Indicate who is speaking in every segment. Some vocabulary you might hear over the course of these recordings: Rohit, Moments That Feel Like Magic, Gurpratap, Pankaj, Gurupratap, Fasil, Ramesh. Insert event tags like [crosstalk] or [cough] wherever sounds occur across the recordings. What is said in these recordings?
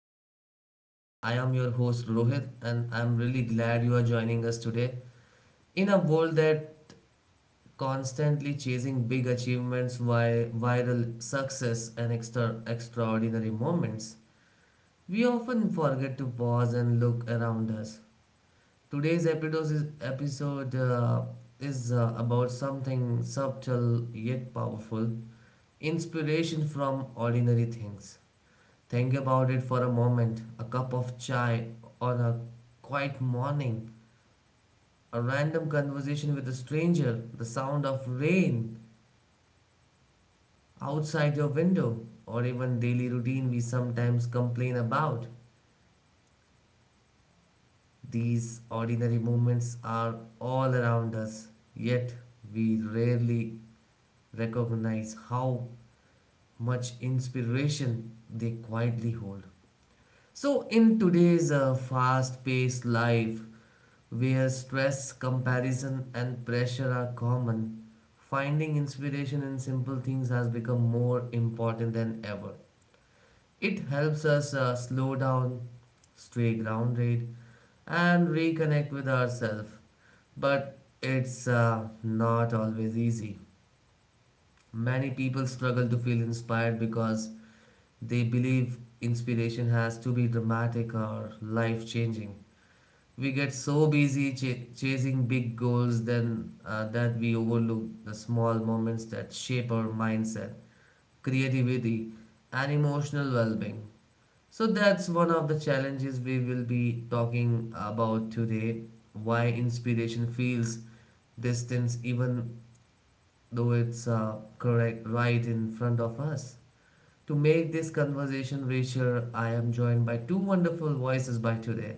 Speaker 1: to the podcast. I am your host Rohit, and I'm really glad you are joining us today. In a world that constantly chasing big achievements, viral success, and extraordinary moments, we often forget to pause and look around us. Today's episode is about something subtle yet powerful inspiration from ordinary things. Think about it for a moment. A cup of chai on a quiet morning, a random conversation with a stranger, the sound of rain outside your window, or even daily routine we sometimes complain about. These ordinary moments are all around us, yet we rarely recognize how much inspiration they quietly hold. So, in today's fast paced life, where stress, comparison, and pressure are common, finding inspiration in simple things has become more important than ever. It helps us slow down, stay grounded, and reconnect with ourselves. But it's not always easy. Many people struggle to feel inspired because they believe inspiration has to be dramatic or life changing. We get so busy chasing big goals then that we overlook the small moments that shape our mindset, creativity, and emotional well being. So that's one of the challenges we will be talking about today, why inspiration feels distance even though it's correct right in front of us. To make this conversation richer, I am joined by two wonderful voices by today.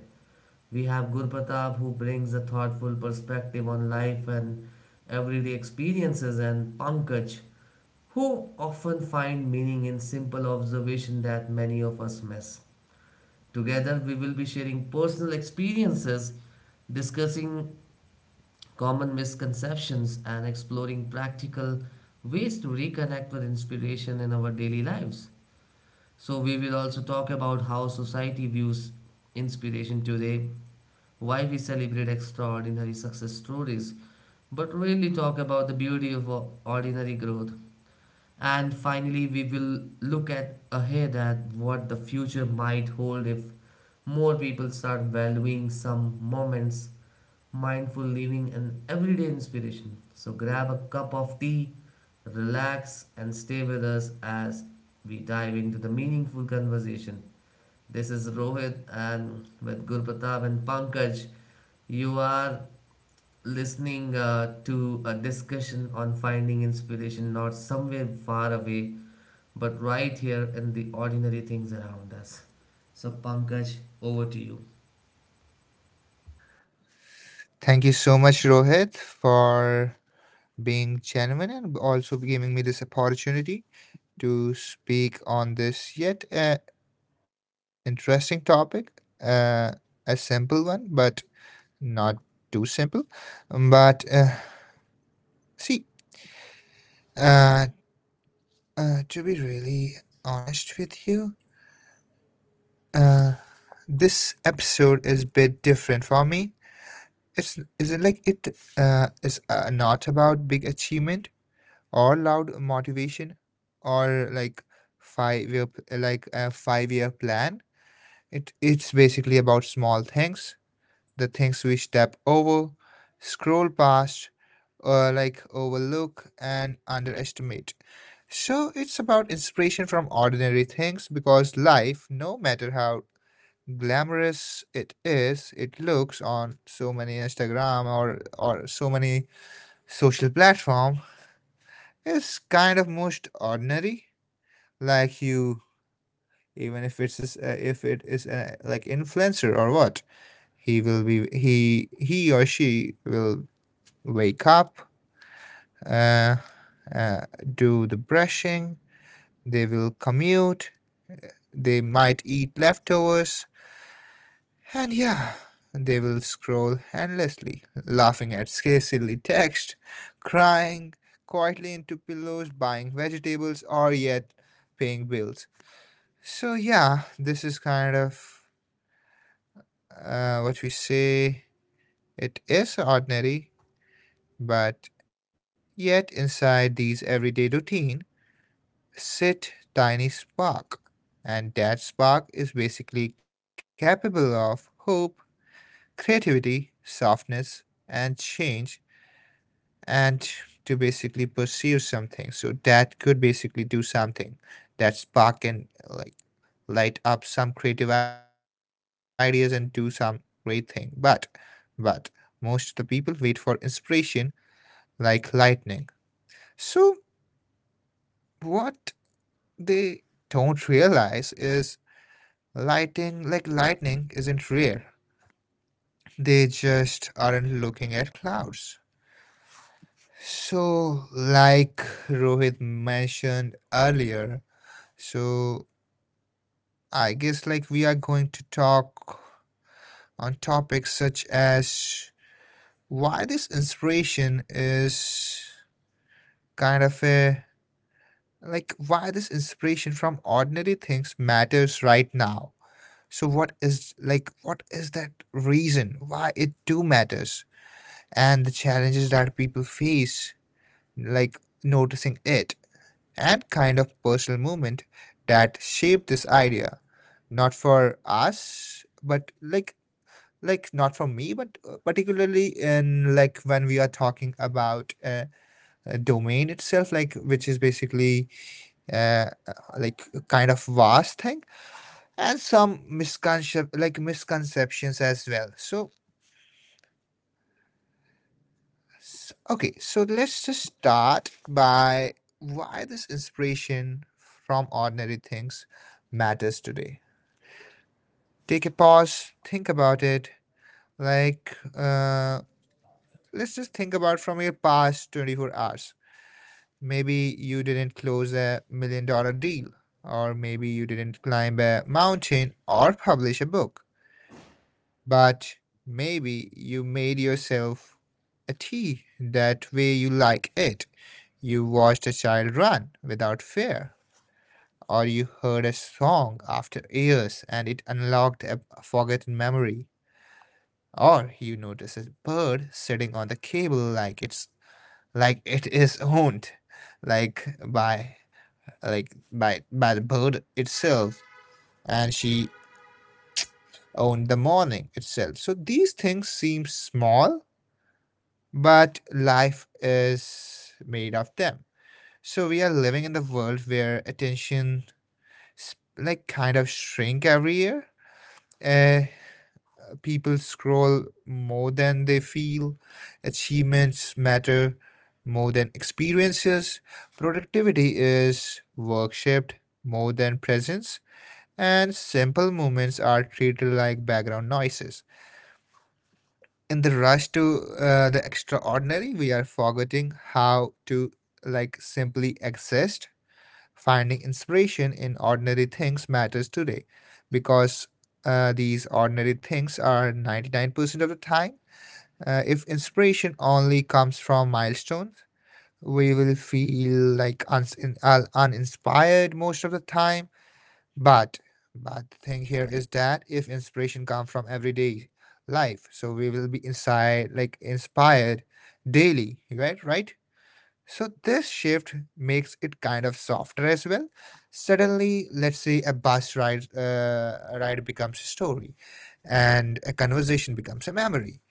Speaker 1: We have Gurpratap, who brings a thoughtful perspective on life and everyday experiences, and Pankaj, who often find meaning in simple observation that many of us miss. Together we will be sharing personal experiences, discussing common misconceptions, and exploring practical ways to reconnect with inspiration in our daily lives. So, we will also talk about how society views inspiration today, why we celebrate extraordinary success stories, but really talk about the beauty of ordinary growth. And finally, we will look at ahead at what the future might hold if more people start valuing some moments, mindful living, and everyday inspiration. So grab a cup of tea, relax, and stay with us as we dive into the meaningful conversation. This is Rohit, and with Gurpatap and Pankaj. You are listening to a discussion on finding inspiration not somewhere far away, but right here in the ordinary things around us. So, Pankaj, over to you.
Speaker 2: Thank you so much, Rohit, for being genuine and also giving me this opportunity to speak on this yet interesting topic, a simple one, but not too simple. But see, uh, to be really honest with you, uh, this episode is a bit different for me. It's is it like it is not about big achievement or loud motivation or five year like a 5 year plan. It's basically about small things, the things we step over, scroll past, or like overlook and underestimate. So it's about inspiration from ordinary things, because life, no matter how glamorous it is, it looks on so many Instagram or so many social platform, is kind of most ordinary. Like, you, even if it's if it is like influencer or what, he or she will wake up, uh, uh, do the brushing, they will commute, they might eat leftovers, and yeah, they will scroll endlessly, laughing at scarcely text, crying quietly into pillows, buying vegetables, or yet paying bills. So yeah, this is kind of what we say. It is ordinary, but yet inside these everyday routine sit tiny spark, and that spark is basically capable of hope, creativity, softness, and change, and to basically pursue something. So that could basically do something, that spark, and like light up some creative ideas and do some great thing. But most of the people wait for inspiration like lightning. So what they don't realize is lighting like lightning isn't rare. They just aren't looking at clouds. So, like Rohit mentioned earlier, so I guess like we are going to talk on topics such as why this inspiration is kind of a like why this inspiration from ordinary things matters right now. So what is that reason why it do matters, and the challenges that people face, like noticing it, and kind of personal movement that shaped this idea, not for us but like not for me, but particularly in, like, when we are talking about a domain itself, like, which is basically uh, uh, a kind of vast thing, and some misconceptions as well. So okay, so let's just start by why this inspiration from ordinary things matters today. Take a pause, think about it. Like, let's just think about from your past 24 hours. Maybe you didn't close a $1 million deal, or maybe you didn't climb a mountain or publish a book, but maybe you made yourself a tea that way you like it. You watched a child run without fear, or you heard a song after years and it unlocked a forgotten memory, or you notice a bird sitting on the cable like it is owned like by like by by the bird itself, and she owned the morning itself. So these things seem small, but life is made of them. So we are living in the world where attention kind of shrink every year. uh, People scroll more than they feel. Achievements matter more than experiences. Productivity is work shaped more than presence. And simple moments are treated like background noises. In the rush to the extraordinary, we are forgetting how to like simply exist. Finding inspiration in ordinary things matters today because these ordinary things are 99% of the time. If inspiration only comes from milestones, we will feel like uninspired most of the time. But but the thing here is that if inspiration comes from everyday life, so we will be inside like inspired daily, right? Right. So this shift makes it kind of softer as well. Suddenly, let's say a bus ride becomes a story, and a conversation becomes a memory,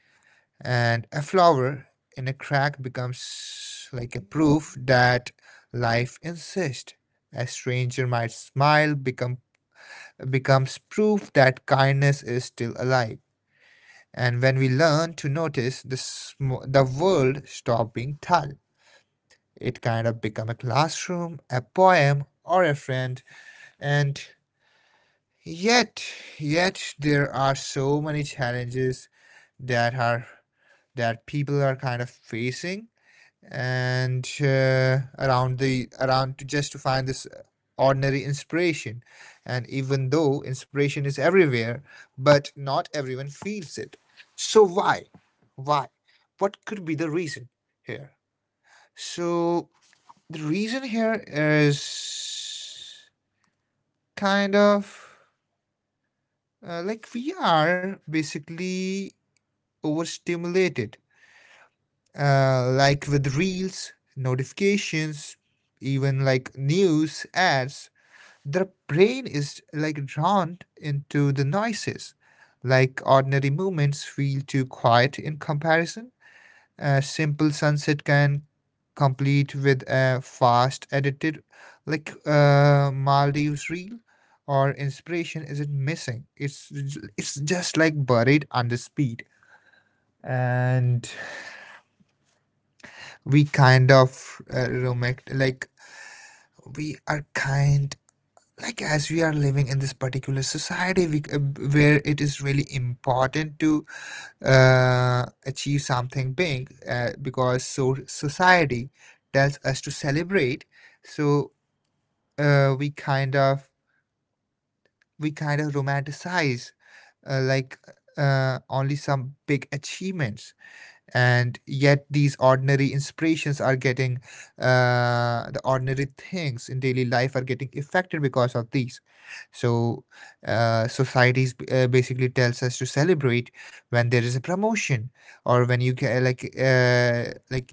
Speaker 2: and a flower in a crack becomes like a proof that life insists. A stranger might smile, becomes proof that kindness is still alive. And when we learn to notice the world stop being dull, it kind of become a classroom, a poem, or a friend. And yet, yet there are so many challenges that are that people are kind of facing, and around the around to just to find this ordinary inspiration. And even though inspiration is everywhere, but not everyone feels it. So why, why what could be the reason here? So the reason here is kind of like we are basically overstimulated like with reels, notifications, even like news ads. The brain is like drawn into the noises. Like ordinary moments feel too quiet in comparison. A simple sunset can complete with a fast edited, like Maldives reel, or inspiration isn't missing. It's just like buried under speed. And we kind of romantic like we are kind like as we are living in this particular society, we, where it is really important to achieve something big, because so society tells us to celebrate. So uh, we kind of we kind of romanticize uh, like only some big achievements, and yet these ordinary inspirations are getting the ordinary things in daily life are getting affected because of these. So societies basically tells us to celebrate when there is a promotion, or when you get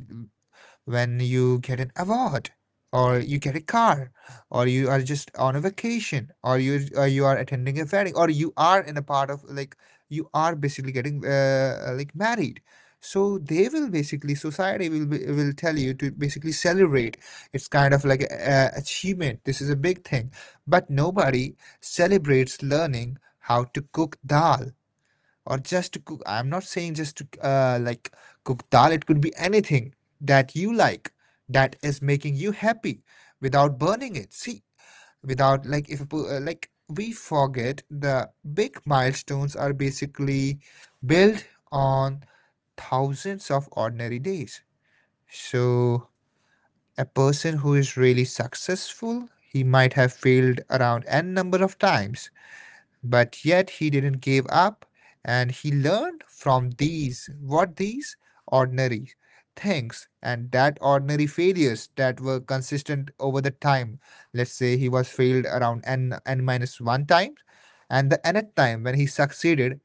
Speaker 2: when you get an award, or you get a car, or you are just on a vacation, or you are attending a wedding, or you are in a part of like you are basically getting like married. So they will basically, society will be, will tell you to basically celebrate. It's kind of like a achievement, this is a big thing. But nobody celebrates learning how to cook dal, or just to cook. I'm not saying just to like cook dal, it could be anything that you like, that is making you happy without burning it. See, without like if a po- like we forget the big milestones are basically built on thousands of ordinary days. So a person who is really successful, he might have failed around n number of times, but yet he didn't give up, and he learned from these what these ordinary things and that ordinary failures that were consistent over the time. Let's say he was failed around n minus one times, and the nth time when he succeeded.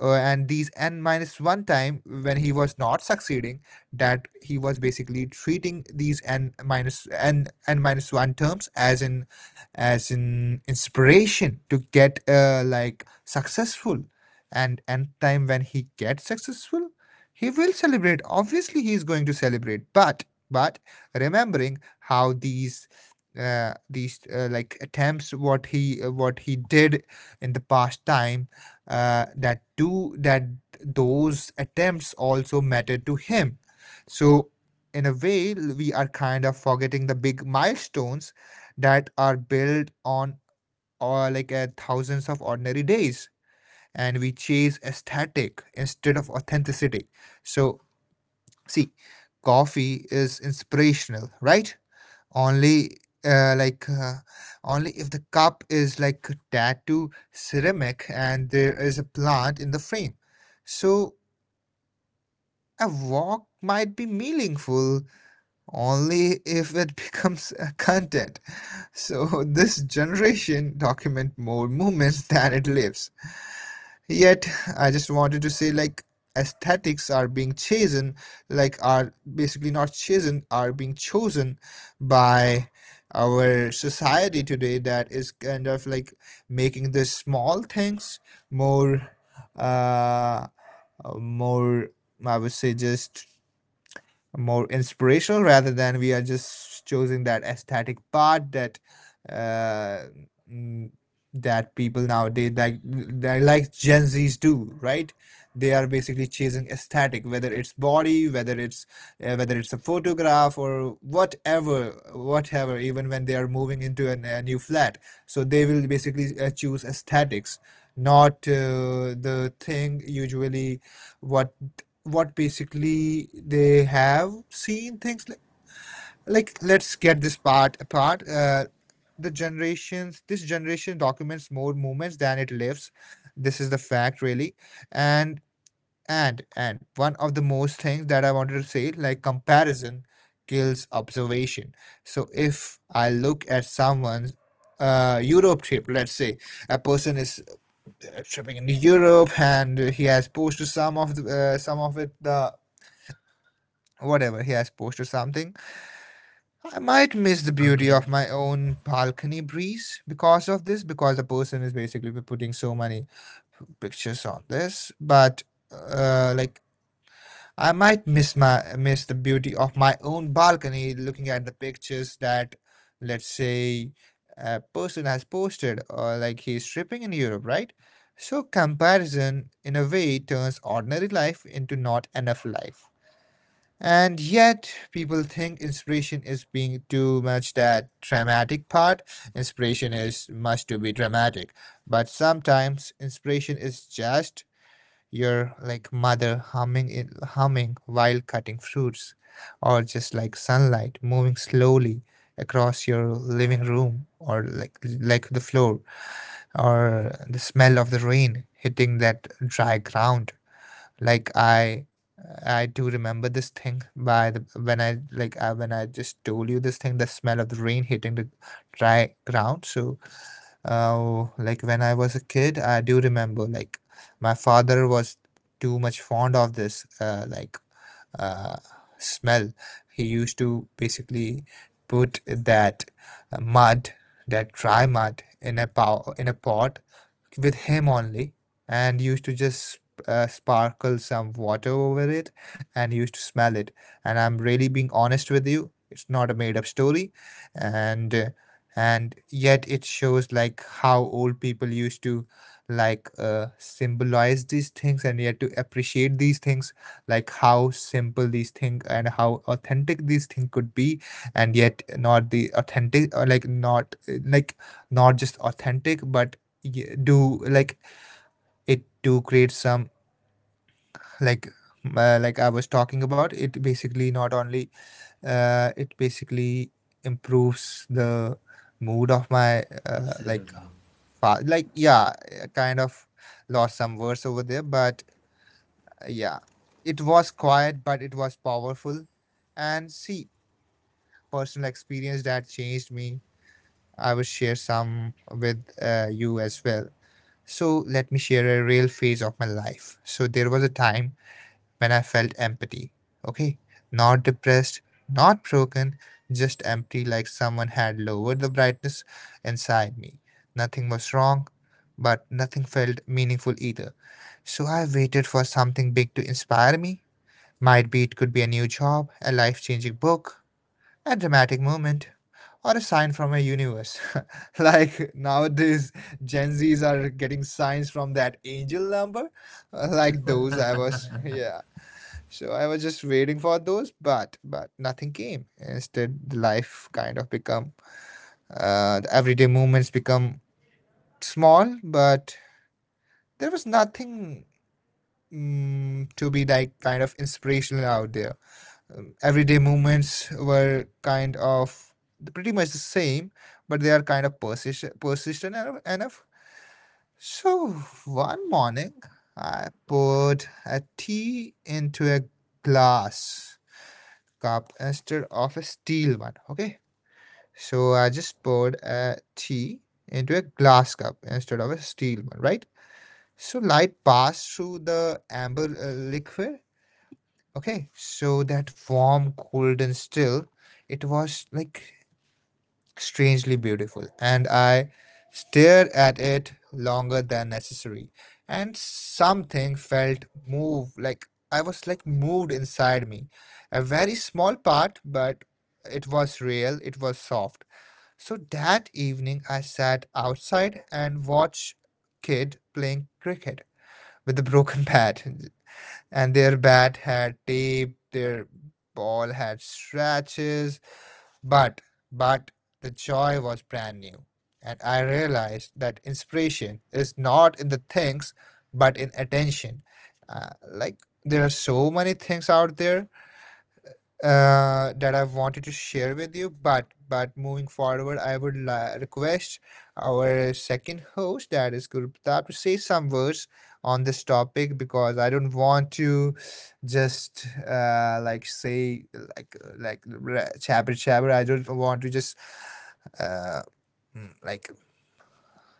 Speaker 2: And these n minus one time when he was not succeeding, that he was basically treating these n minus one terms as in inspiration to get like successful, and n time when he gets successful, he will celebrate, obviously he is going to celebrate. But but remembering how these attempts what he did in the past time, that do that, those attempts also matter to him. So in a way, we are kind of forgetting the big milestones that are built on, or like thousands of ordinary days, and we chase aesthetic instead of authenticity. So see, coffee is inspirational, right? only like only if the cup is like tattoo ceramic and there is a plant in the frame. So a walk might be meaningful only if it [laughs] becomes a content. So [laughs] this generation document more moments than it lives. Yet, I just wanted to say like aesthetics are being chosen, like are basically not chosen, are being chosen by our society today, that is kind of like making the small things more uh more, I would say, just more inspirational, rather than we are just choosing that aesthetic part that uh, mm, that people nowadays like, they like Gen Zs do, right? They are basically chasing aesthetic, whether it's body, whether it's a photograph or whatever, whatever. Even when they are moving into a new flat, so they will basically choose aesthetics, not the thing usually what what basically they have seen things like, let's get this part apart. The generations, this generation documents more moments than it lives. This is the fact really. And and and one of the most things that I wanted to say, like, comparison kills observation. So if I look at someone's Europe trip, let's say, a person is tripping in Europe and he has posted some of the some of it the whatever he has posted something. I might miss the
Speaker 1: Okay,
Speaker 2: beauty of my own balcony breeze because of this, because the person is basically putting so many pictures on this. But like, I might miss my miss the beauty of my own balcony, looking at the pictures that, let's say, a person has posted, or like he's tripping in Europe, right? So comparison, in a way, turns ordinary life into not enough life. And yet, people think inspiration is being too much that dramatic part. Inspiration is much to be dramatic. But sometimes inspiration is just your mother humming humming while cutting fruits, or just like sunlight moving slowly across your living room, or like the floor, or the smell of the rain hitting that dry ground. Like I I do remember this thing by the when I just told you this thing, the smell of the rain hitting the dry ground. So, like when I was a kid, I do remember like my father was too much fond of this uh, smell. He used to basically put that mud, that dry mud, in a pot with him only and used to just sparkle some water over it and used to smell it, and I'm really being honest with you, it's not a made up story. And uh, and yet it shows like how old people used to symbolize these things and yet to appreciate these things, like how simple these things and how authentic these things could be. And yet, not the authentic, or not just authentic, but do like it do create some like like I was talking about it, basically not only it basically improves the mood of my
Speaker 1: absolutely.
Speaker 2: yeah. I kind of lost some words over there, but yeah, it was quiet but it was powerful. And see, personal experience that changed me, I will share some with you as well. So let me share a real phase of my life. So there was a time when I felt empty. Okay, not depressed, not broken, just empty, like someone had lowered the brightness inside me. Nothing was wrong, but nothing felt meaningful either. So I waited for something big to inspire me. Might be it could be a new job, a life changing book, a dramatic moment, or a sign from a universe. [laughs] Like nowadays, Gen Zs are getting signs from that angel number, [laughs] like those I was. [laughs] Yeah, so I was just waiting for those, but nothing came. Instead, the life kind of become the everyday movements become small, but there was nothing to be like kind of inspirational out there. Everyday movements were kind of pretty much the same, but they are kind of persistent enough. So one morning, I poured a tea into a glass cup instead of a steel one. Okay, so I just poured a tea into a glass cup instead of a steel one, right? So light passed through the amber liquid. Okay, so that warm, cold, and still, it was like strangely beautiful, and I stared at it longer than necessary, and something felt move, I was like moved inside me. A very small part, but it was real, it was soft. So that evening, I sat outside and watched kid playing cricket with a broken [laughs] bat, and their bat had tape, their ball had scratches, but but the joy was brand new. And I realized that inspiration is not in the things, but in attention. Like there are so many things out there, that I wanted to share with you. But moving forward, I would request our second host, that is Gurupratap, to say some words on this topic, because I don't want to just say like jabber jabber. I don't want to just uh, like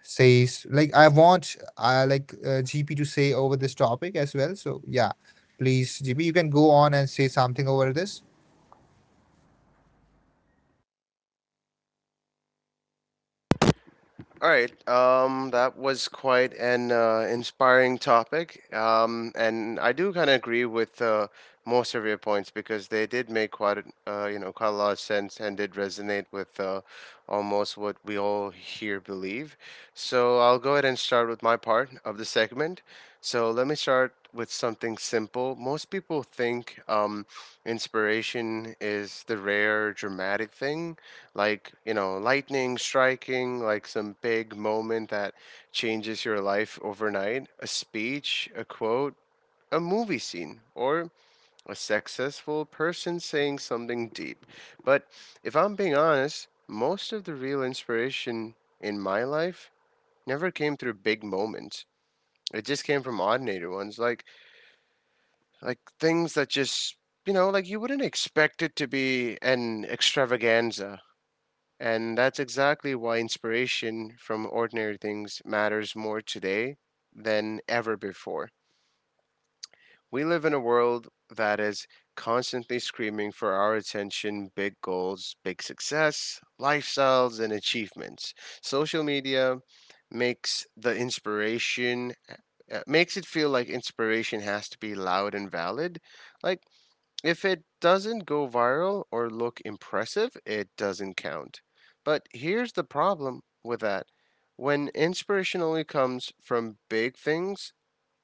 Speaker 2: say I want GP to say over this topic as well. So yeah, please GP, you can go on and say something over this.
Speaker 3: All right. That was quite an inspiring topic. And I do kind of agree with most of your points because they did make quite, quite a lot of sense and did resonate with almost what we all here believe. So I'll go ahead and start with my part of the segment. So let me start with something simple. Most people think inspiration is the rare, dramatic thing, like, you know, lightning striking, like some big moment that changes your life overnight. A speech, a quote, a movie scene, or a successful person saying something deep. But if I'm being honest, most of the real inspiration in my life never came through big moments. It just came from ordinary ones, like things that just, you know, like you wouldn't expect it to be an extravaganza. And that's exactly why inspiration from ordinary things matters more today than ever before. We live in a world that is constantly screaming for our attention: big goals, big success, lifestyles, and achievements. Social media makes the inspiration makes it feel like inspiration has to be loud and valid. Like if it doesn't go viral or look impressive, it doesn't count. But here's the problem with that: when inspiration only comes from big things,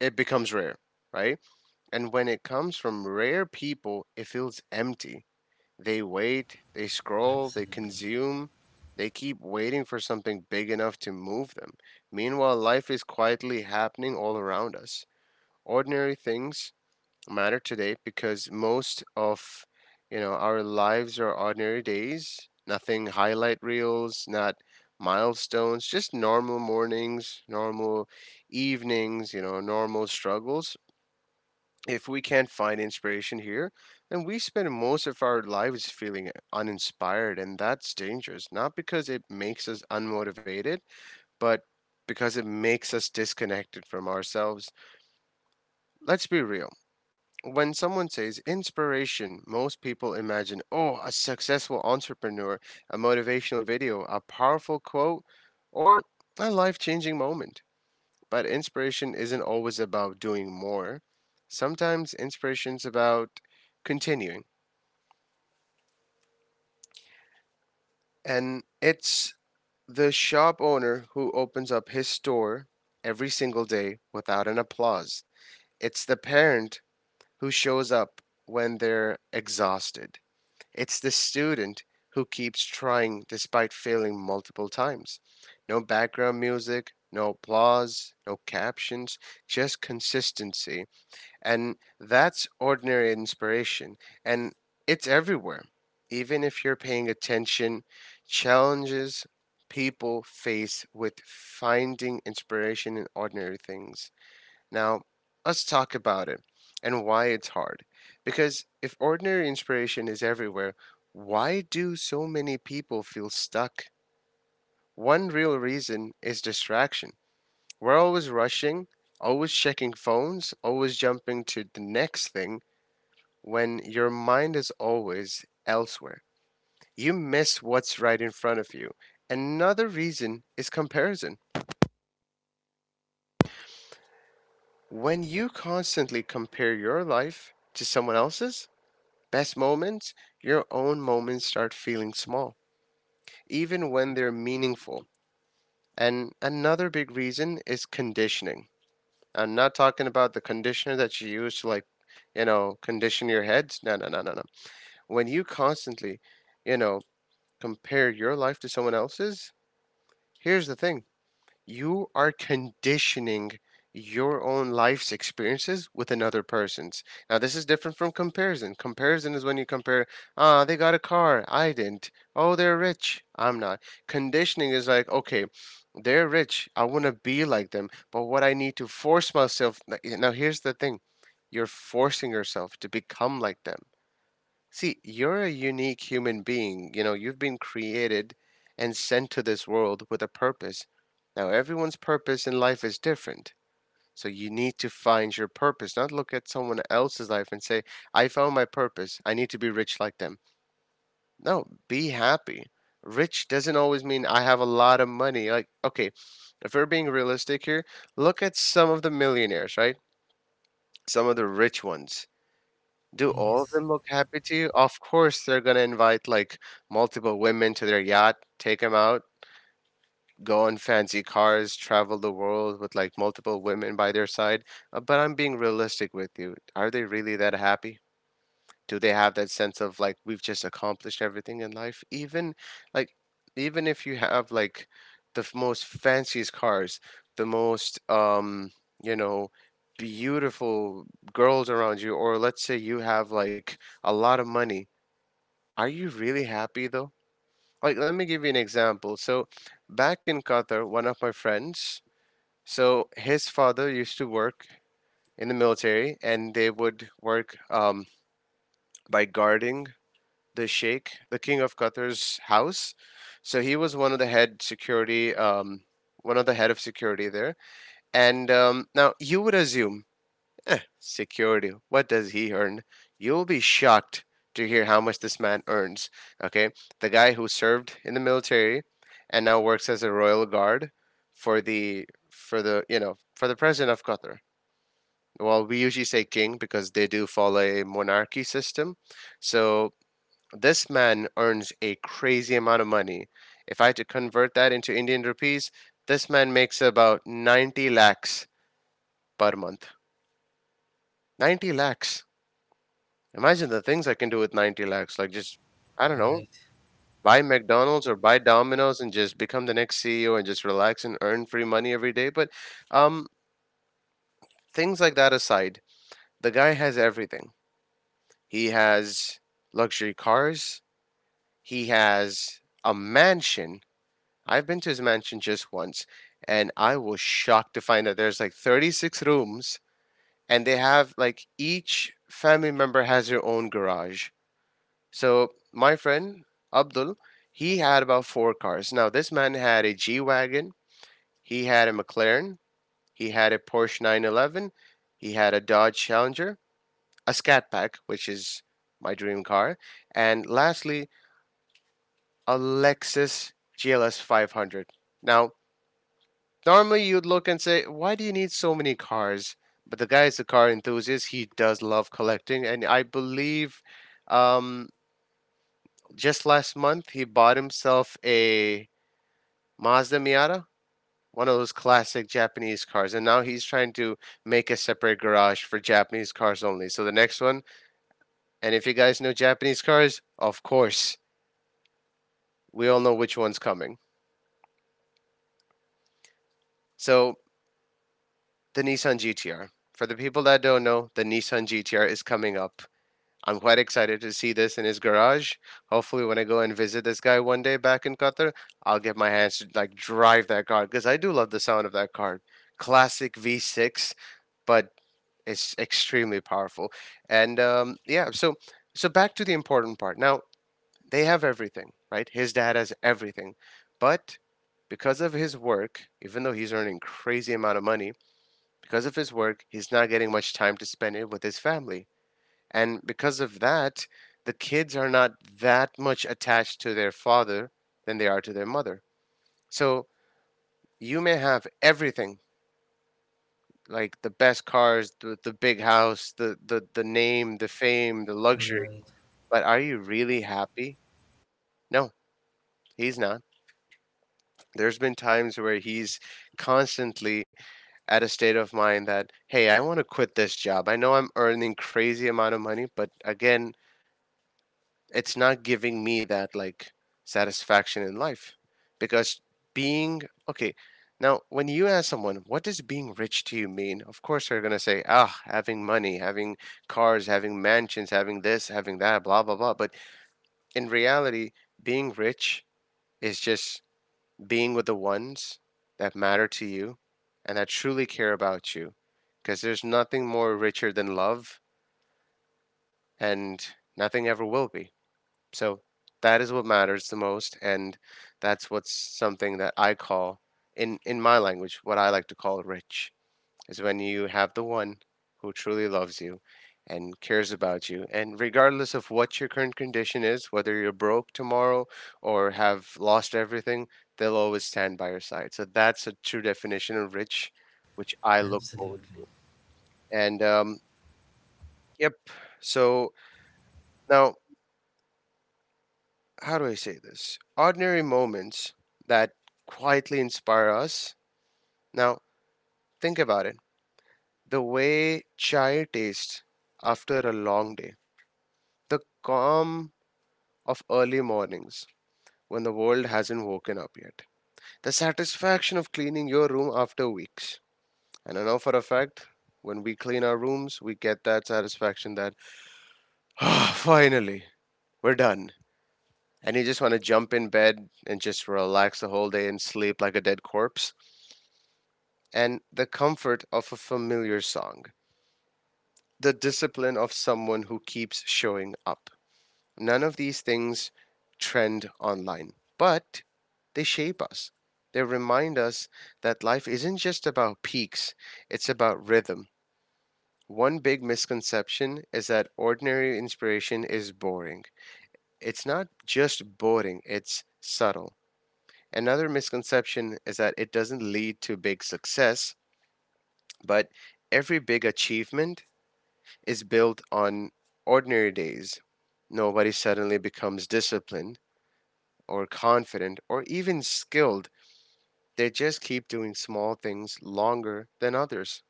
Speaker 3: it becomes rare, right? And when it comes from rare people, it feels empty. They wait, they scroll, they consume, they keep waiting for something big enough to move them. Meanwhile, life is quietly happening all around us. Ordinary things matter today because most of, you know, our lives are ordinary days. Nothing highlight reels, not milestones, just normal mornings, normal evenings, you know, normal struggles. If we can't find inspiration here, then we spend most of our lives feeling uninspired. And that's dangerous, not because it makes us unmotivated, but because it makes us disconnected from ourselves. Let's be real. When someone says inspiration, most people imagine, oh, a successful entrepreneur, a motivational video, a powerful quote, or a life changing moment. But inspiration isn't always about doing more. Sometimes inspiration's about continuing. And it's the shop owner who opens up his store every single day without an applause. It's the parent who shows up when they're exhausted. It's the student who keeps trying despite failing multiple times. No background music, no applause, no captions, just consistency. And that's ordinary inspiration. And it's everywhere. Even if you're paying attention, challenges people face with finding inspiration in ordinary things. Now, let's talk about it and why it's hard. Because if ordinary inspiration is everywhere, why do so many people feel stuck? One real reason is distraction. We're always rushing, always checking phones, always jumping to the next thing. When your mind is always elsewhere, you miss what's right in front of you. Another reason is comparison. When you constantly compare your life to someone else's best moments, your own moments start feeling small, even when they're meaningful. And another big reason is conditioning. I'm not talking about the conditioner that you use to, like, you know, condition your heads. No, no, no, no, no. When you constantly, you know, compare your life to someone else's, here's the thing: you are conditioning your own life's experiences with another person's. Now, this is different from comparison. Comparison is when you compare, ah, they got a car, I didn't. Oh, they're rich, I'm not. Conditioning is like, okay, they're rich, I want to be like them, but what I need to force myself. Like, now, here's the thing: you're forcing yourself to become like them. See, you're a unique human being. You know, you've been created and sent to this world with a purpose. Now, everyone's purpose in life is different. So you need to find your purpose, not look at someone else's life and say, I found my purpose. I need to be rich like them. No, be happy. Rich doesn't always mean I have a lot of money. Like, okay, if we're being realistic here, look at some of the millionaires, right? Some of the rich ones, do all of
Speaker 1: Yes,
Speaker 3: them look happy to you? Of course, they're gonna invite like multiple women to their yacht, take them out, go on fancy cars, travel the world with like multiple women by their side. But I'm being realistic with you. Are they really that happy? Do they have that sense of, like, we've just accomplished everything in life? Even like, even if you have like the most fanciest cars, the most, you know, beautiful girls around you, or let's say you have like a lot of money, are you really happy though? Like, let me give you an example. So back in Qatar, one of my friends, so his father used to work in the military, and they would work, by guarding the Sheikh, the King of Qatar's house. So he was one of the head security, one of the head of security there. And now you would assume, security, what does he earn? You'll be shocked to hear how much this man earns. Okay, the guy who served in the military and now works as a royal guard for the you know, for the president of Qatar. Well, we usually say king because they do follow a monarchy system. So this man earns a crazy amount of money. If I had to convert that into Indian rupees, this man makes about 90 lakhs per month. 90 lakhs. Imagine the things I can do with 90 lakhs. Like, just, I don't know, buy McDonald's or buy Domino's and just become the next CEO and just relax and earn free money every day. But um, things like that aside, the guy has everything. He has luxury cars. He has a mansion. I've been to his mansion just once, and I was shocked to find that there's like 36 rooms, and they have like each family member has their own garage. So my friend Abdul, he had about four cars. Now this man had a G wagon, he had a McLaren, he had a Porsche 911, he had a Dodge Challenger, a Scat Pack, which is my dream car, and lastly a Lexus GLS 500. Now, normally, you'd look and say, why do you need so many cars? But the guy is a car enthusiast. He does love collecting. And I believe, um, just last month, he bought himself a Mazda Miata, one of those classic Japanese cars. And now he's trying to make a separate garage for Japanese cars only. So the next one, and if you guys know Japanese cars, of course, we all know which one's coming. So the Nissan GTR. For the people that don't know, the Nissan GTR is coming up. I'm quite excited to see this in his garage. Hopefully, when I go and visit this guy one day back in Qatar, I'll get my hands to like drive that car because I do love the sound of that car. Classic V6, but it's extremely powerful. And yeah, so back to the important part. Now they have everything, right? His dad has everything, but because of his work, even though he's earning crazy amount of money, because of his work, he's not getting much time to spend it with his family. And because of that, the kids are not that much attached to their father than they are to their mother. So you may have everything, like the best cars, the big house, the name, the fame, the luxury.
Speaker 1: right.
Speaker 3: But are you really happy? No, he's not. There's been times where he's constantly at a state of mind that, hey, I want to quit this job. I know I'm earning crazy amount of money, but again, it's not giving me that like satisfaction in life, because being okay. Now when you ask someone, what does being rich to you mean? Of course, they're going to say, ah, having money, having cars, having mansions, having this, having that, blah, blah, blah. But in reality, being rich is just being with the ones that matter to you and that truly care about you, because there's nothing more richer than love, and nothing ever will be. So that is what matters the most, and that's what's something that I call, in my language, what I like to call rich, is when you have the one who truly loves you and cares about you, and regardless of what your current condition is, whether you're broke tomorrow or have lost everything, they'll always stand by your side. So that's a true definition of rich, which I look forward
Speaker 1: Absolutely.
Speaker 3: to. And yep. So now, how do I say this? Ordinary moments that quietly inspire us. Now, think about it. The way chai tastes after a long day, the calm of early mornings when the world hasn't woken up yet, the satisfaction of cleaning your room after weeks. And I know for a fact, when we clean our rooms, we get that satisfaction that, ah, finally, we're done. And you just want to jump in bed and just relax the whole day and sleep like a dead corpse. And the comfort of a familiar song, the discipline of someone who keeps showing up. None of these things trend online, but they shape us. They remind us that life isn't just about peaks, it's about rhythm. One big misconception is that ordinary inspiration is boring. It's not just boring, it's subtle. Another misconception is that it doesn't lead to big success, but every big achievement is built on ordinary days. Nobody suddenly becomes disciplined or confident or even skilled. They just keep doing small things longer than others.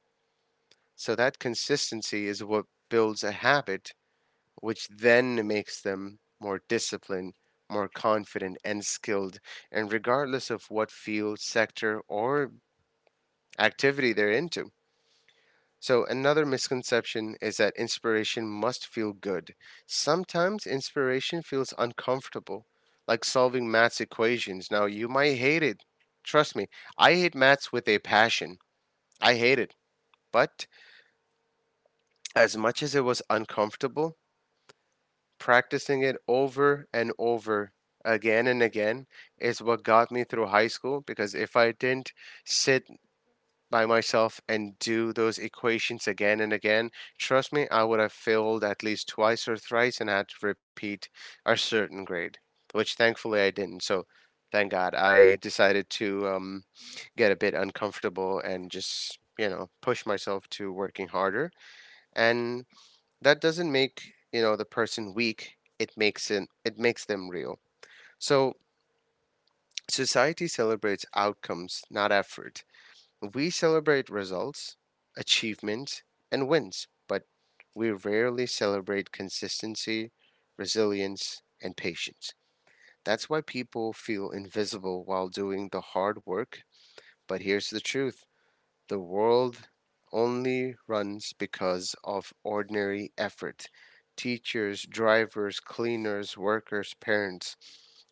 Speaker 3: So that consistency is what builds a habit, which then makes them more disciplined, more confident, and skilled. And regardless of what field, sector, or activity they're into. So, another misconception is that inspiration must feel good. Sometimes inspiration feels uncomfortable, like solving maths equations. Now, you might hate it. Trust me, I hate maths with a passion. I hate it. But as much as it was uncomfortable, practicing it over and over again and again is what got me through high school because if I didn't sit by myself and do those equations again and again, trust me, I would have failed at least twice or thrice and had to repeat a certain grade, which thankfully I didn't. So thank God I decided to get a bit uncomfortable and just, you know, push myself to working harder. And that doesn't make, you know, the person weak. It makes it, it makes them real. So society celebrates outcomes, not effort. We celebrate results, achievements, and wins, but we rarely celebrate consistency, resilience, and patience. That's why people feel invisible while doing the hard work. But here's the truth: the world only runs because of ordinary effort. Teachers, drivers, cleaners, workers, parents,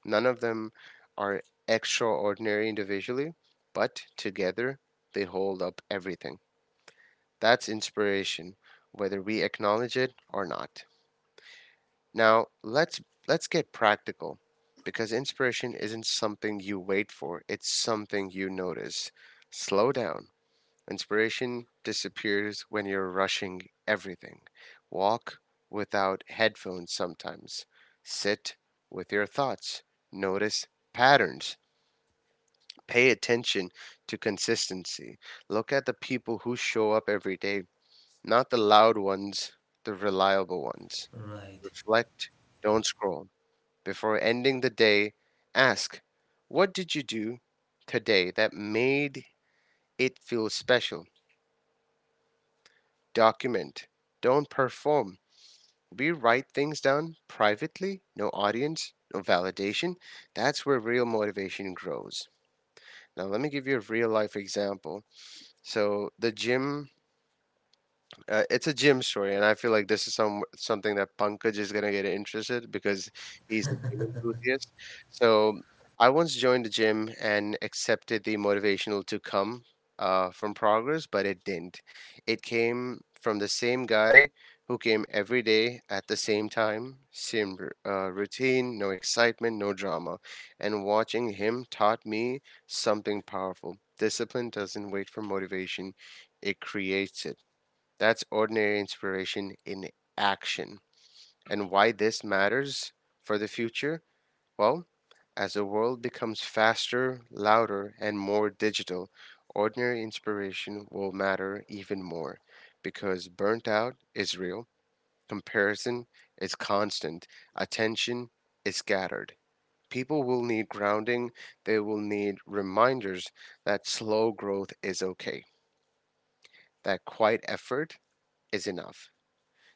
Speaker 3: none of them are extraordinary individually, but together they hold up everything. That's inspiration, whether we acknowledge it or not. Now, let's get practical because inspiration isn't something you wait for, it's something you notice. Slow down. Inspiration disappears when you're rushing everything. Walk without headphones sometimes. Sit with your thoughts. Notice patterns. Pay attention to consistency. Look at the people who show up every day, not the loud ones, the reliable ones.
Speaker 1: Right.
Speaker 3: Reflect, don't scroll. Before ending the day, ask, what did you do today that made it feel special? Document, don't perform. We write things down privately, no audience, no validation. That's where real motivation grows. Now, let me give you a real life example. So, the gym, it's a gym story, and I feel like this is something that Pankaj is gonna get interested because he's a gym enthusiast. So I once joined the gym and accepted the motivational to come from progress, but it didn't. It came from the same guy who came every day at the same time, same routine, no excitement, no drama, and watching him taught me something powerful. Discipline doesn't wait for motivation; it creates it. That's ordinary inspiration in action. And why this matters for the future? Well, as the world becomes faster, louder, and more digital, ordinary inspiration will matter even more because burnt out is real, comparison is constant, attention is scattered. People will need grounding, they will need reminders that slow growth is okay, that quiet effort is enough.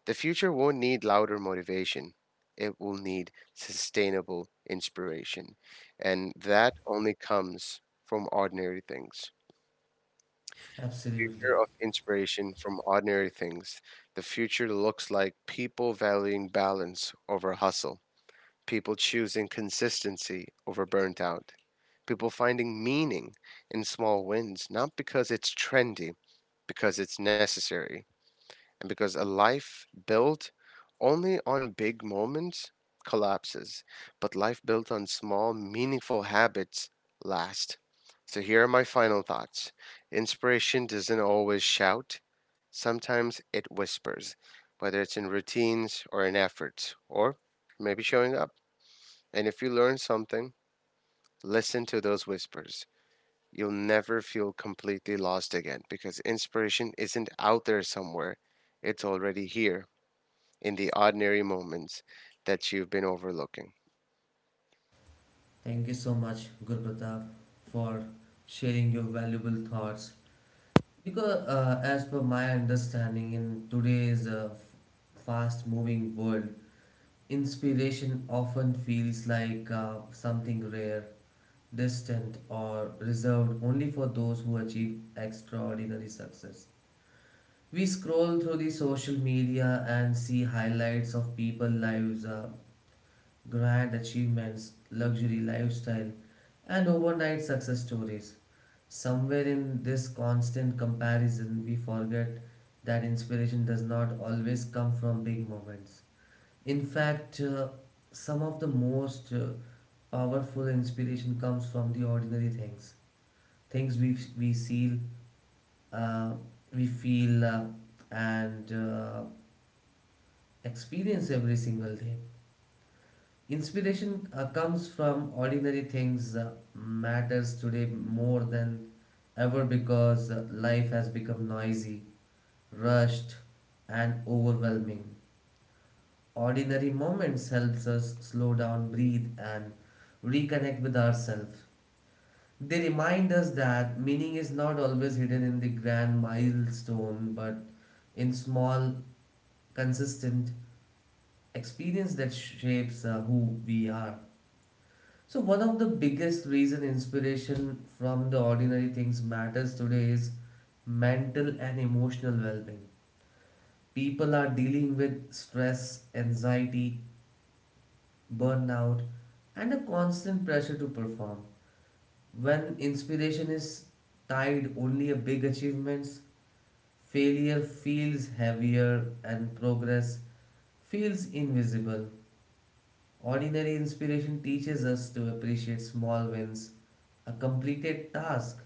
Speaker 3: The future won't need louder motivation. It will need sustainable inspiration. And that only comes from ordinary things. The future
Speaker 1: Absolutely.
Speaker 3: of inspiration from ordinary things. The future looks like people valuing balance over hustle, people choosing consistency over burnt out, people finding meaning in small wins, not because it's trendy, because it's necessary and because a life built only on big moments collapses, but life built on small, meaningful habits lasts. So here are my final thoughts. Inspiration doesn't always shout. Sometimes it whispers, whether it's in routines or in efforts, or maybe showing up. And if you learn something, listen to those whispers. You'll never feel completely lost again because inspiration isn't out there somewhere, it's already here in the ordinary moments that you've been overlooking.
Speaker 1: Thank you so much, Guru Pratap, for sharing your valuable thoughts. Because, as per my understanding, in today's fast moving world, inspiration often feels like something rare, distant, or reserved only for those who achieve extraordinary success. We scroll through the social media and see highlights of people lives, grand achievements, luxury lifestyle, and overnight success stories. Somewhere in this constant comparison, we forget that inspiration does not always come from big moments. In fact, some of the most powerful inspiration comes from the ordinary things, things we see, uh, we feel, and experience every single day. Inspiration, comes from ordinary things, matters today more than ever because life has become noisy, rushed, and overwhelming. Ordinary moments helps us slow down, breathe, and reconnect with ourselves. They remind us that meaning is not always hidden in the grand milestone, but in small, consistent experience that shapes who we are. So one of the biggest reason inspiration from the ordinary things matters today is mental and emotional well-being. People are dealing with stress, anxiety, burnout, and a constant pressure to perform. When inspiration is tied only to big achievements, failure feels heavier and progress feels invisible. Ordinary inspiration teaches us to appreciate small wins, a completed task,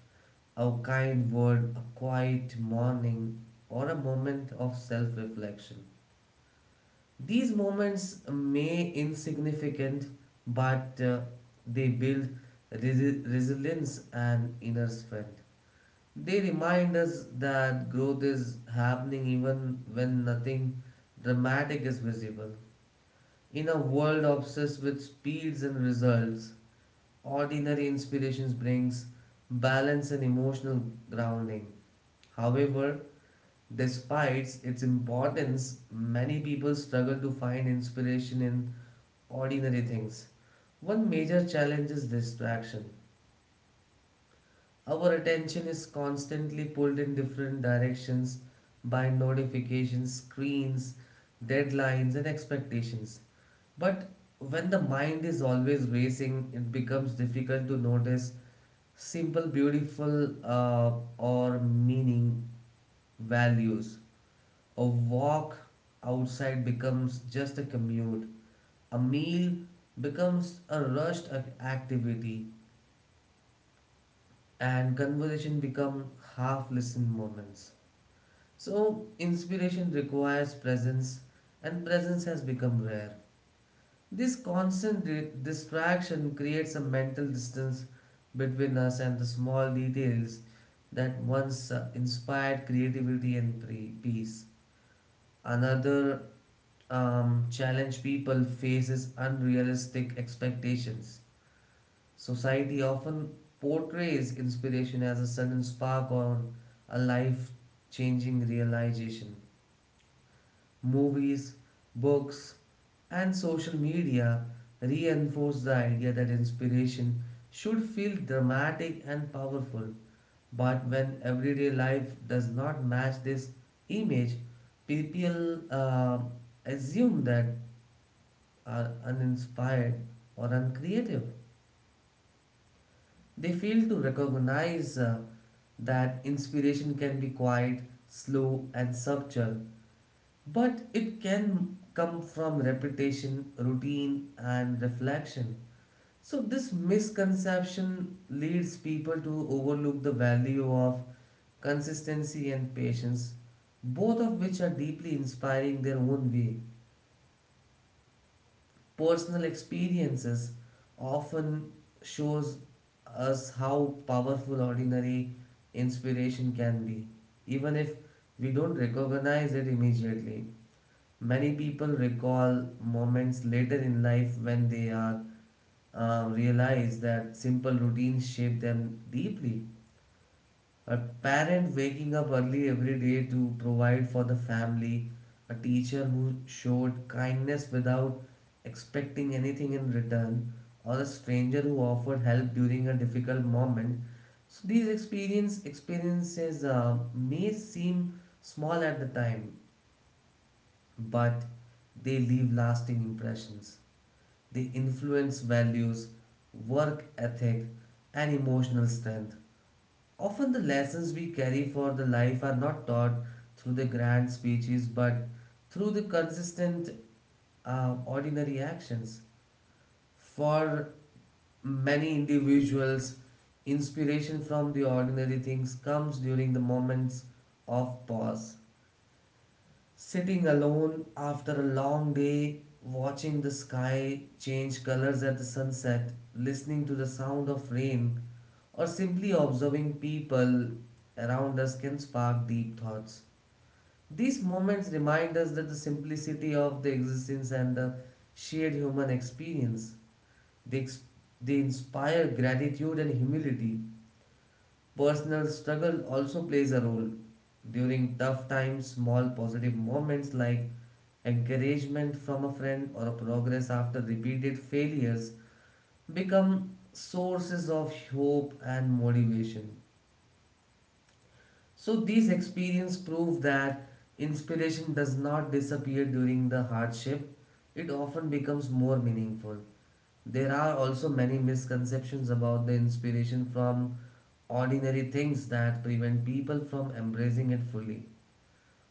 Speaker 1: a kind word, a quiet morning, or a moment of self reflection. These moments may insignificant, but they build resilience and inner strength. They remind us that growth is happening even when nothing dramatic is visible. In a world obsessed with speeds and results, ordinary inspirations brings balance and emotional grounding. However, despite its importance, many people struggle to find inspiration in ordinary things. One major challenge is distraction. Our attention is constantly pulled in different directions by notifications, screens, deadlines, and expectations. But when the mind is always racing, it becomes difficult to notice simple, beautiful, or meaning values. A walk outside becomes just a commute. A meal becomes a rushed activity, and conversation become half listened moments. So, inspiration requires presence, and presence has become rare. This constant distraction creates a mental distance between us and the small details that once inspired creativity and peace. Another challenge people face is unrealistic expectations. Society often portrays inspiration as a sudden spark or a life changing realization. Movies, books, and social media reinforce the idea that inspiration should feel dramatic and powerful. But when everyday life does not match this image, people assume that are uninspired or uncreative. They fail to recognize that inspiration can be quiet, slow, and subtle, but it can come from repetition, routine, and reflection. So, this misconception leads people to overlook the value of consistency and patience, both of which are deeply inspiring their own way. Personal experiences often shows us how powerful ordinary inspiration can be, even if we don't recognize it immediately. Many people recall moments later in life when they are realize that simple routines shape them deeply: a parent waking up early every day to provide for the family, a teacher who showed kindness without expecting anything in return, or a stranger who offered help during a difficult moment. So these experiences may seem small at the time, but they leave lasting impressions. They influence values, work ethic, and emotional strength. Often, the lessons we carry for the life are not taught through the grand speeches, but through the consistent, ordinary actions. For many individuals, inspiration from the ordinary things comes during the moments of pause. Sitting alone after a long day, watching the sky change colors at the sunset, listening to the sound of rain, or simply observing people around us can spark deep thoughts. These moments remind us that the simplicity of the existence and the shared human experience. They, ex- they inspire gratitude and humility. Personal struggle also plays a role. During tough times, small positive moments like encouragement from a friend or a progress after repeated failures become sources of hope and motivation. So these experiences prove that inspiration does not disappear during the hardship, it often becomes more meaningful. There are also many misconceptions about the inspiration from ordinary things that prevent people from embracing it fully.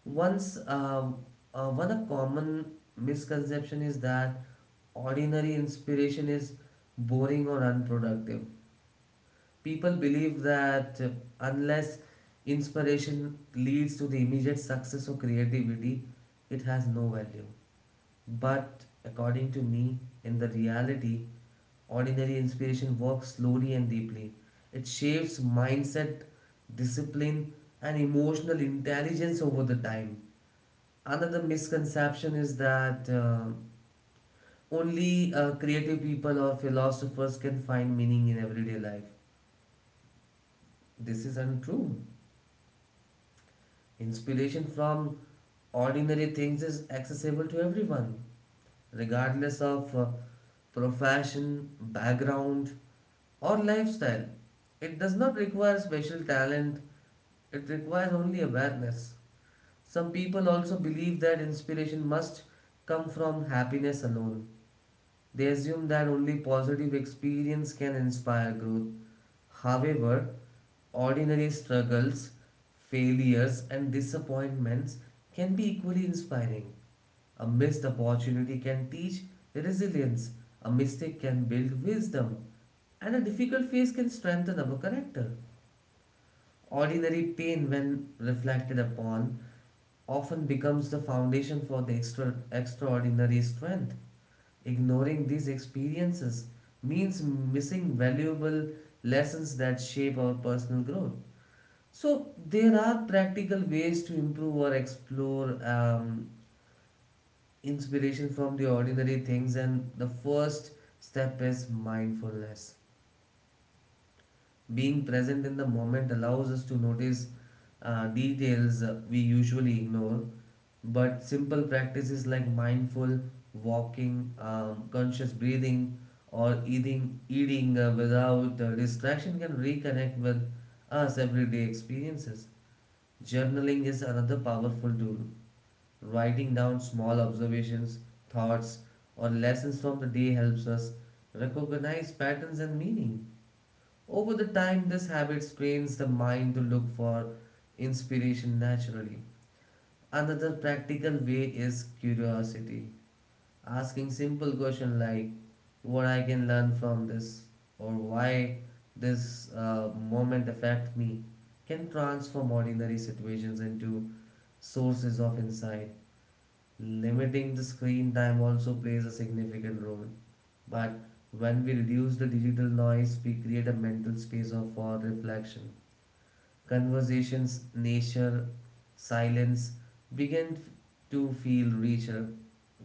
Speaker 1: Once, one a common misconception is that ordinary inspiration is boring or unproductive. People believe that unless inspiration leads to the immediate success or creativity, it has no value. But according to me, in the reality, ordinary inspiration works slowly and deeply. It shapes mindset, discipline, and emotional intelligence over the time. Another misconception is that only creative people or philosophers can find meaning in everyday life. This is untrue. Inspiration from ordinary things is accessible to everyone, regardless of profession, background, or lifestyle. It does not require special talent, it requires only awareness. Some people also believe that inspiration must come from happiness alone, they assume that only positive experience can inspire growth. However, ordinary struggles, failures, and disappointments can be equally inspiring. A missed opportunity can teach resilience, a mistake can build wisdom, and a difficult phase can strengthen our character. Ordinary pain, when reflected upon, often becomes the foundation for the extraordinary strength. Ignoring these experiences means missing valuable lessons that shape our personal growth. So, there are practical ways to improve or explore inspiration from the ordinary things, and the first step is mindfulness. Being present in the moment allows us to notice details we usually ignore, but simple practices like mindful walking, conscious breathing, or eating without distraction can reconnect with us everyday experiences. Journaling is another powerful tool. Writing down small observations, thoughts, or lessons from the day helps us recognize patterns and meaning. Over the time, this habit trains the mind to look for inspiration naturally. Another practical way is curiosity, asking simple questions like what I can learn from this, or why this moment affect me, can transform ordinary situations into sources of insight. Limiting the screen time also plays a significant role. But when we reduce the digital noise, we create a mental space of for reflection. Conversations, nature, silence begin to feel richer.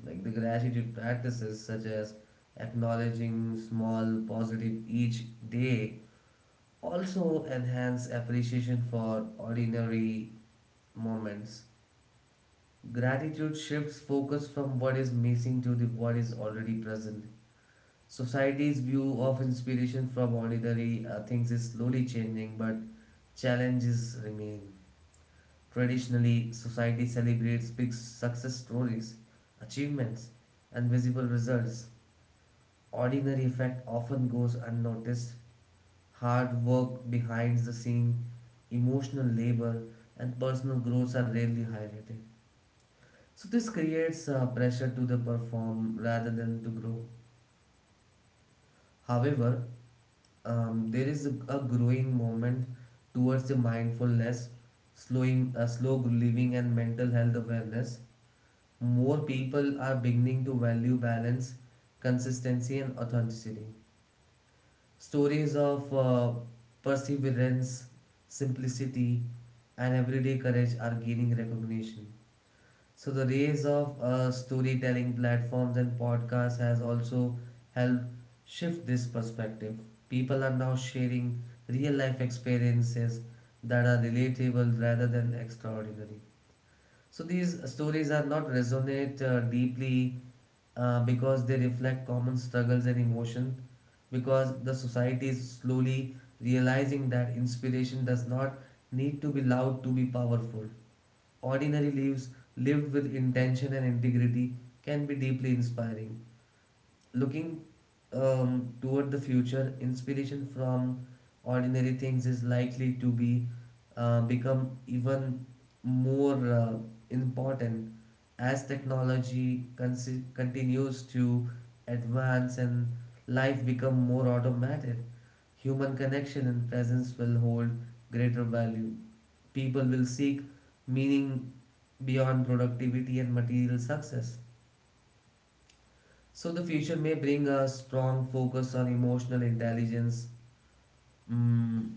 Speaker 1: Like the gratitude practices, such as acknowledging small positive each day, also enhance appreciation for ordinary moments. Gratitude shifts focus from what is missing to the what is already present. Society's view of inspiration from ordinary things is slowly changing, but challenges remain. Traditionally, society celebrates big success stories, achievements, and visible results. Ordinary effect often goes unnoticed. Hard work behind the scene, emotional labor, and personal growth are rarely highlighted. So this creates pressure to the perform rather than to grow. However, there is a growing movement towards the mindfulness, slow living, and mental health awareness. More people are beginning to value balance, consistency, and authenticity. Stories of perseverance, simplicity, and everyday courage are gaining recognition. So the rise of storytelling platforms and podcasts has also helped shift this perspective. People are now sharing real life experiences that are relatable rather than extraordinary. So these stories are not resonate deeply because they reflect common struggles and emotion because the society is slowly realizing that inspiration does not need to be loud to be powerful. Ordinary lives lived with intention and integrity can be deeply inspiring looking toward the future, inspiration from ordinary things is likely to be become even more important as technology continues to advance and life become more automated. Human connection and presence will hold greater value. People will seek meaning beyond productivity and material success. So the future may bring a strong focus on emotional intelligence, mm,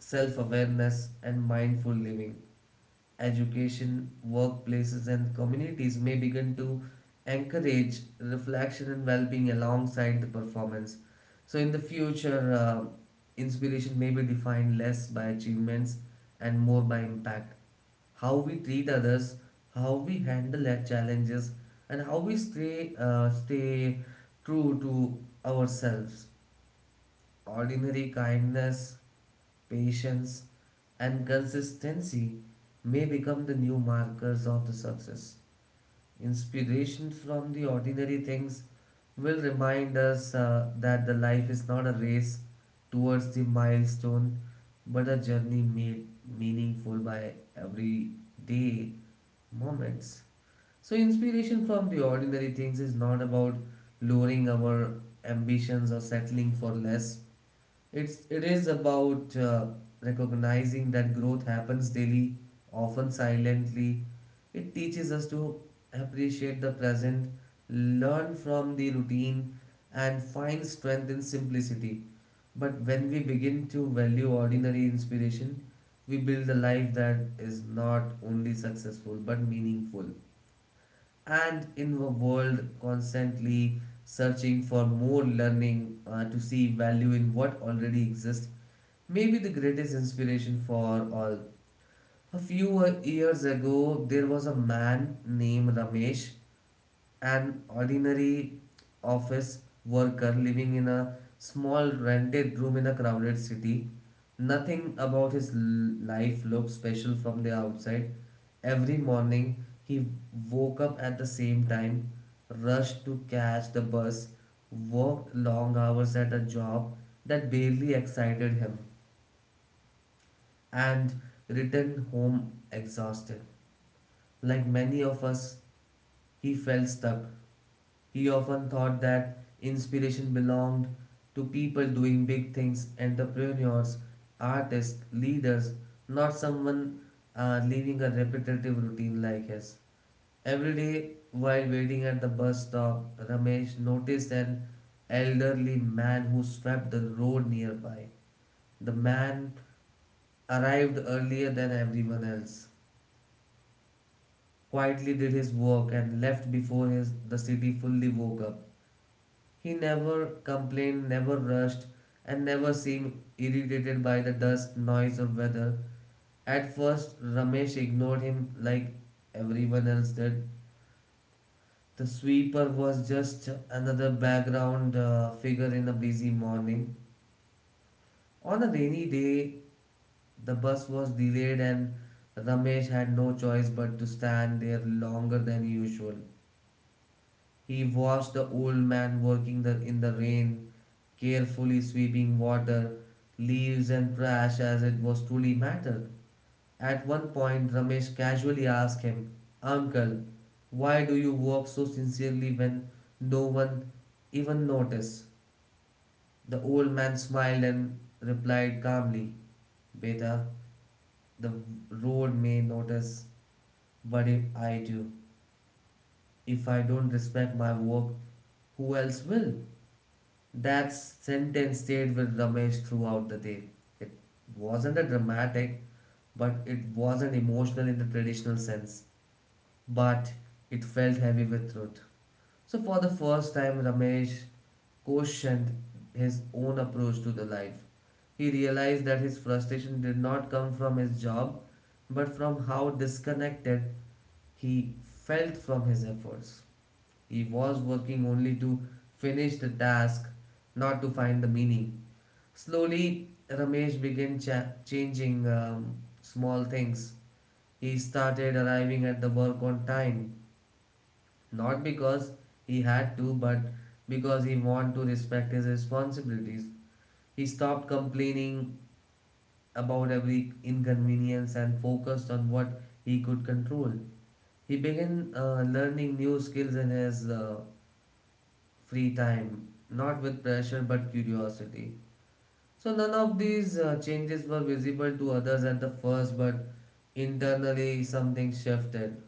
Speaker 1: self awareness, and mindful living education, workplaces, and communities may begin to encourage reflection and well being alongside the performance. So, in the future, inspiration may be defined less by achievements and more by impact. How we treat others, how we handle our challenges, and how we stay true to ourselves. Ordinary kindness, patience, and consistency may become the new markers of the success. Inspiration from the ordinary things will remind us that the life is not a race towards the milestone but a journey made meaningful by everyday moments. So, inspiration from the ordinary things is not about lowering our ambitions or settling for less it is about recognizing that growth happens daily, often silently. It teaches us to appreciate the present, learn from the routine, and find strength in simplicity. But when we begin to value ordinary inspiration, we build a life that is not only successful but meaningful. And in a world constantly searching for more learning to see value in what already exists, maybe the greatest inspiration for all. A few years ago, there was a man named Ramesh, an ordinary office worker living in a small rented room in a crowded city. Nothing about his life looked special from the outside. Every morning, he woke up at the same time, rushed to catch the bus, worked long hours at a job that barely excited him and returned home exhausted. Like many of us, he felt stuck. He often thought that inspiration belonged to people doing big things, entrepreneurs, artists, leaders, not someone living a repetitive routine like his. Every day, while waiting at the bus stop, Ramesh noticed an elderly man who swept the road nearby. The man arrived earlier than everyone else, quietly did his work and left before his the city fully woke up. He never complained, never rushed, and never seemed irritated by the dust, noise, or weather. At first, Ramesh ignored him like everyone else did. The sweeper was just another background figure in a busy morning. On a rainy day, the bus was delayed, and Ramesh had no choice but to stand there longer than usual. He watched the old man working in the rain, carefully sweeping water, leaves, and trash as it was truly matter. At one point, Ramesh casually asked him, "Uncle, why do you work so sincerely when no one even notice?" The old man smiled and replied calmly, "Beta, the road may notice, but if I don't respect my work, who else will?" That sentence stayed with Ramesh throughout the day. It wasn't a dramatic, but it wasn't emotional in the traditional sense, but it felt heavy with truth. So, for the first time, Ramesh questioned his own approach to the life. He realized that his frustration did not come from his job, but from how disconnected he felt from his efforts. He was working only to finish the task, not to find the meaning. Slowly, Ramesh began changing small things. He started arriving at the work on time, not because he had to, but because he wanted to respect his responsibilities. He stopped complaining about every inconvenience and focused on what he could control. He began learning new skills in his free time, not with pressure but curiosity. So none of these changes were visible to others at the first, but internally something shifted.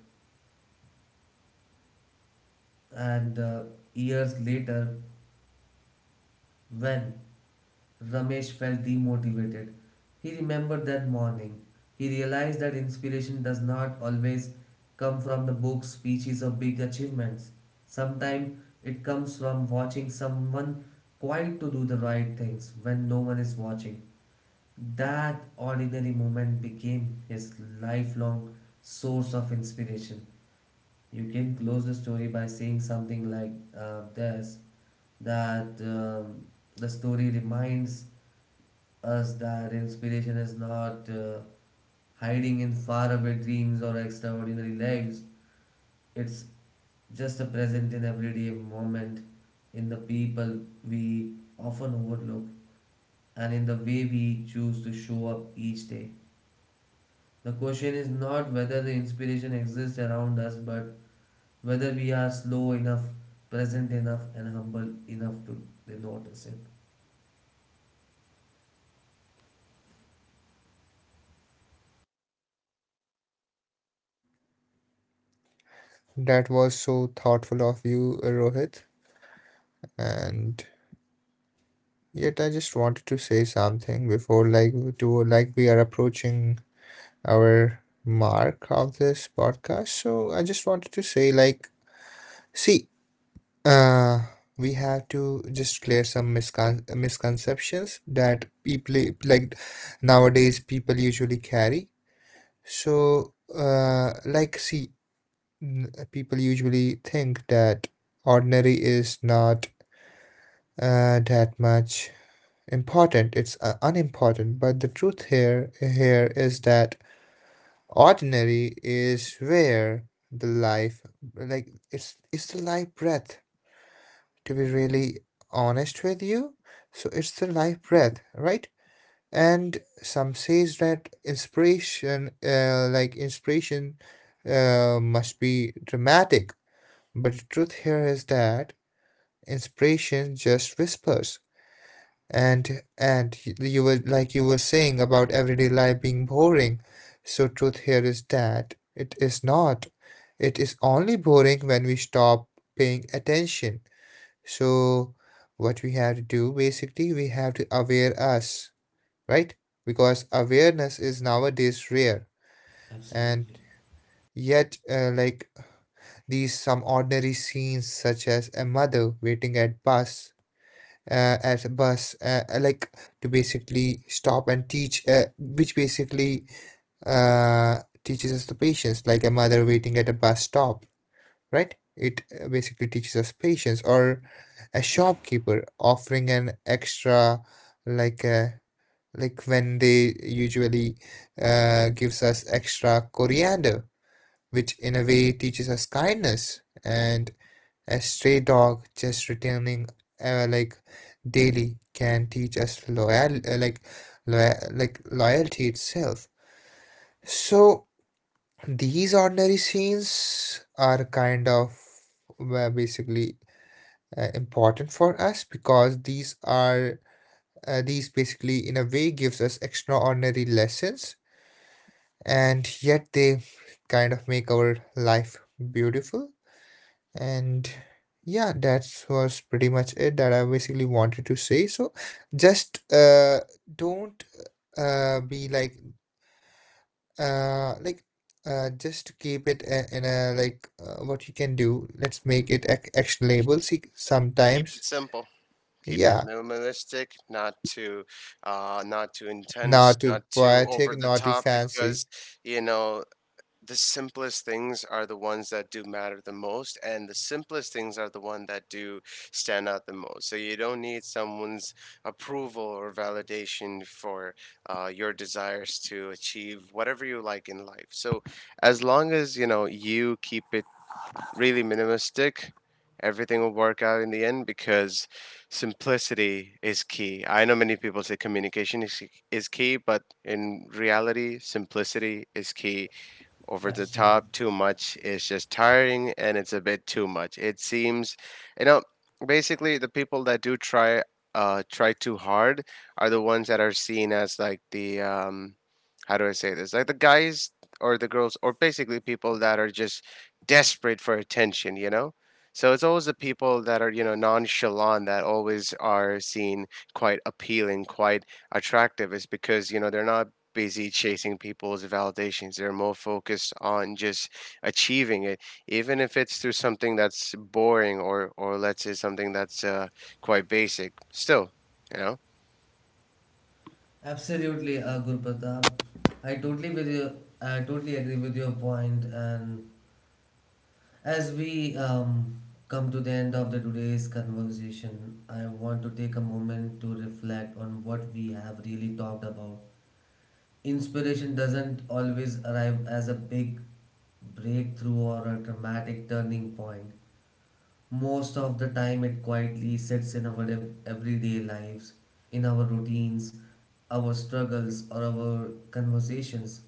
Speaker 1: And years later, when Ramesh felt demotivated, he remembered that morning. He realized that inspiration does not always come from the books, speeches, or big achievements. Sometimes it comes from watching someone quiet to do the right things when no one is watching. That ordinary moment became his lifelong source of inspiration. You can close the story by saying something like this that the story reminds us that inspiration is not hiding in faraway dreams or extraordinary lives, it's just a present in everyday moment, in the people we often overlook, and in the way we choose to show up each day. The question is not whether the inspiration exists around us, but whether we are slow enough, present enough, and humble enough to notice it.
Speaker 2: That was so thoughtful of you, Rohit. And yet, I just wanted to say something before, like, to like we are approaching our mark of this podcast. So I just wanted to say, like, see, uh, we have to just clear some miscon- misconceptions that people like nowadays people usually carry. So, like, see, people usually think that ordinary is not that much important. It's unimportant. But the truth here is that ordinary is where the life, like it's the life breath. To be really honest with you, so it's the life breath, right? And some says that inspiration must be dramatic. But the truth here is that inspiration just whispers. You were you were saying about everyday life being boring, so truth here is that it is not, it is only boring when we stop paying attention. So what we have to do basically, we have to aware us, right? Because awareness is nowadays rare. And
Speaker 1: Absolutely.
Speaker 2: yet, these some ordinary scenes, such as a mother waiting at bus as a bus like to basically stop and teach, which basically teaches us the patience, like a mother waiting at a bus stop, right? It basically teaches us patience. Or a shopkeeper offering an extra like uh, when they usually gives us extra coriander, which in a way teaches us kindness. And a stray dog just returning uh, like daily can teach us loyalty itself. So these ordinary scenes are kind of basically important for us, because these are these basically in a way gives us extraordinary lessons, and yet they kind of make our life beautiful. And yeah, that was pretty much it that I basically wanted to say. So just don't be like just keep it a- in a like what you can do. Let's make it actionable. See,
Speaker 3: Keep it
Speaker 2: sometimes
Speaker 3: simple. Keep it
Speaker 2: yeah,
Speaker 3: minimalistic, not too, not too intense,
Speaker 2: not too
Speaker 3: not too over
Speaker 2: poetic,
Speaker 3: the
Speaker 2: not too
Speaker 3: top,
Speaker 2: fancy.
Speaker 3: because you know the simplest things are the ones that do matter the most, and the simplest things are the one that do stand out the most. So you don't need someone's approval or validation for your desires to achieve whatever you like in life. So as long as you know you keep it really minimalistic, everything will work out in the end because simplicity is key. I know many people say communication is key, but in reality, simplicity is key. Over the
Speaker 1: Absolutely.
Speaker 3: top too much is just tiring and it's a bit too much. It seems, you know, basically the people that do try too hard are the ones that are seen as like the how do I say this? Like the guys or the girls or basically people that are just desperate for attention, you know? So it's always the people that are, you know, nonchalant that always are seen quite appealing, quite attractive. It's because, you know, they're not busy chasing people's validations. They're more focused on just achieving it, even if it's through something that's boring or let's say something that's quite basic. Still, you know.
Speaker 1: Absolutely, Guru Pratap. I totally with you. I totally agree with your point. And as we come to the end of the today's conversation, I want to take a moment to reflect on what we have really talked about. Inspiration doesn't always arrive as a big breakthrough or a dramatic turning point. Most of the time, it quietly sits in our everyday lives, in our routines, our struggles, or our conversations,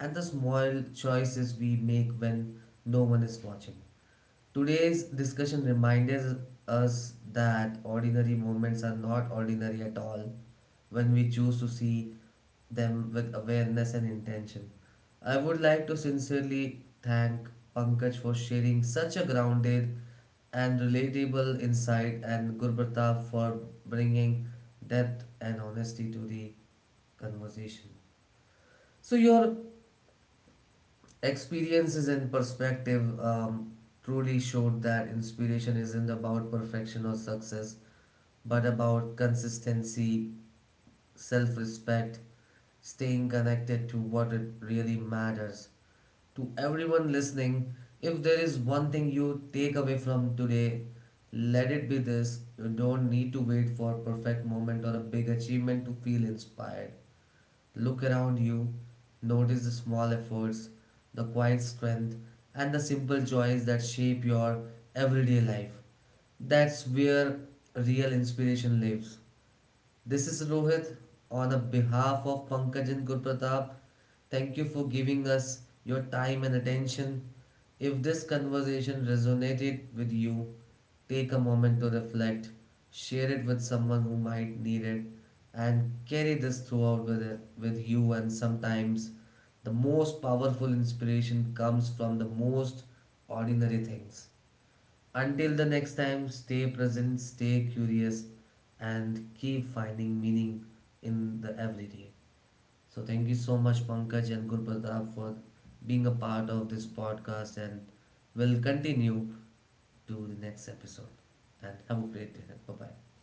Speaker 1: and the small choices we make when no one is watching. Today's discussion reminds us that ordinary moments are not ordinary at all when we choose to see them with awareness and intention. I would like to sincerely thank Pankaj for sharing such a grounded and relatable insight and Gurpratap for bringing depth and honesty to the conversation. So your experiences and perspective truly showed that inspiration isn't about perfection or success, but about consistency, self respect, staying connected to what it really matters. To everyone listening, if there is one thing you take away from today, let it be this. You don't need to wait for a perfect moment or a big achievement to feel inspired. Look around you, notice the small efforts, the quiet strength, and the simple joys that shape your everyday life. That's where real inspiration lives. This is Rohit on the behalf of Pankaj and Gurpratap. Thank you for giving us your time and attention. If this conversation resonated with you, take a moment to reflect, share it with someone who might need it, and carry this throughout with you. And sometimes the most powerful inspiration comes from the most ordinary things. Until the next time, stay present, stay curious, and keep finding meaning in the everyday. So, thank you so much, Pankaj and Gurpratap, for being a part of this podcast, and we'll continue to the next episode. And have a great day. Bye bye.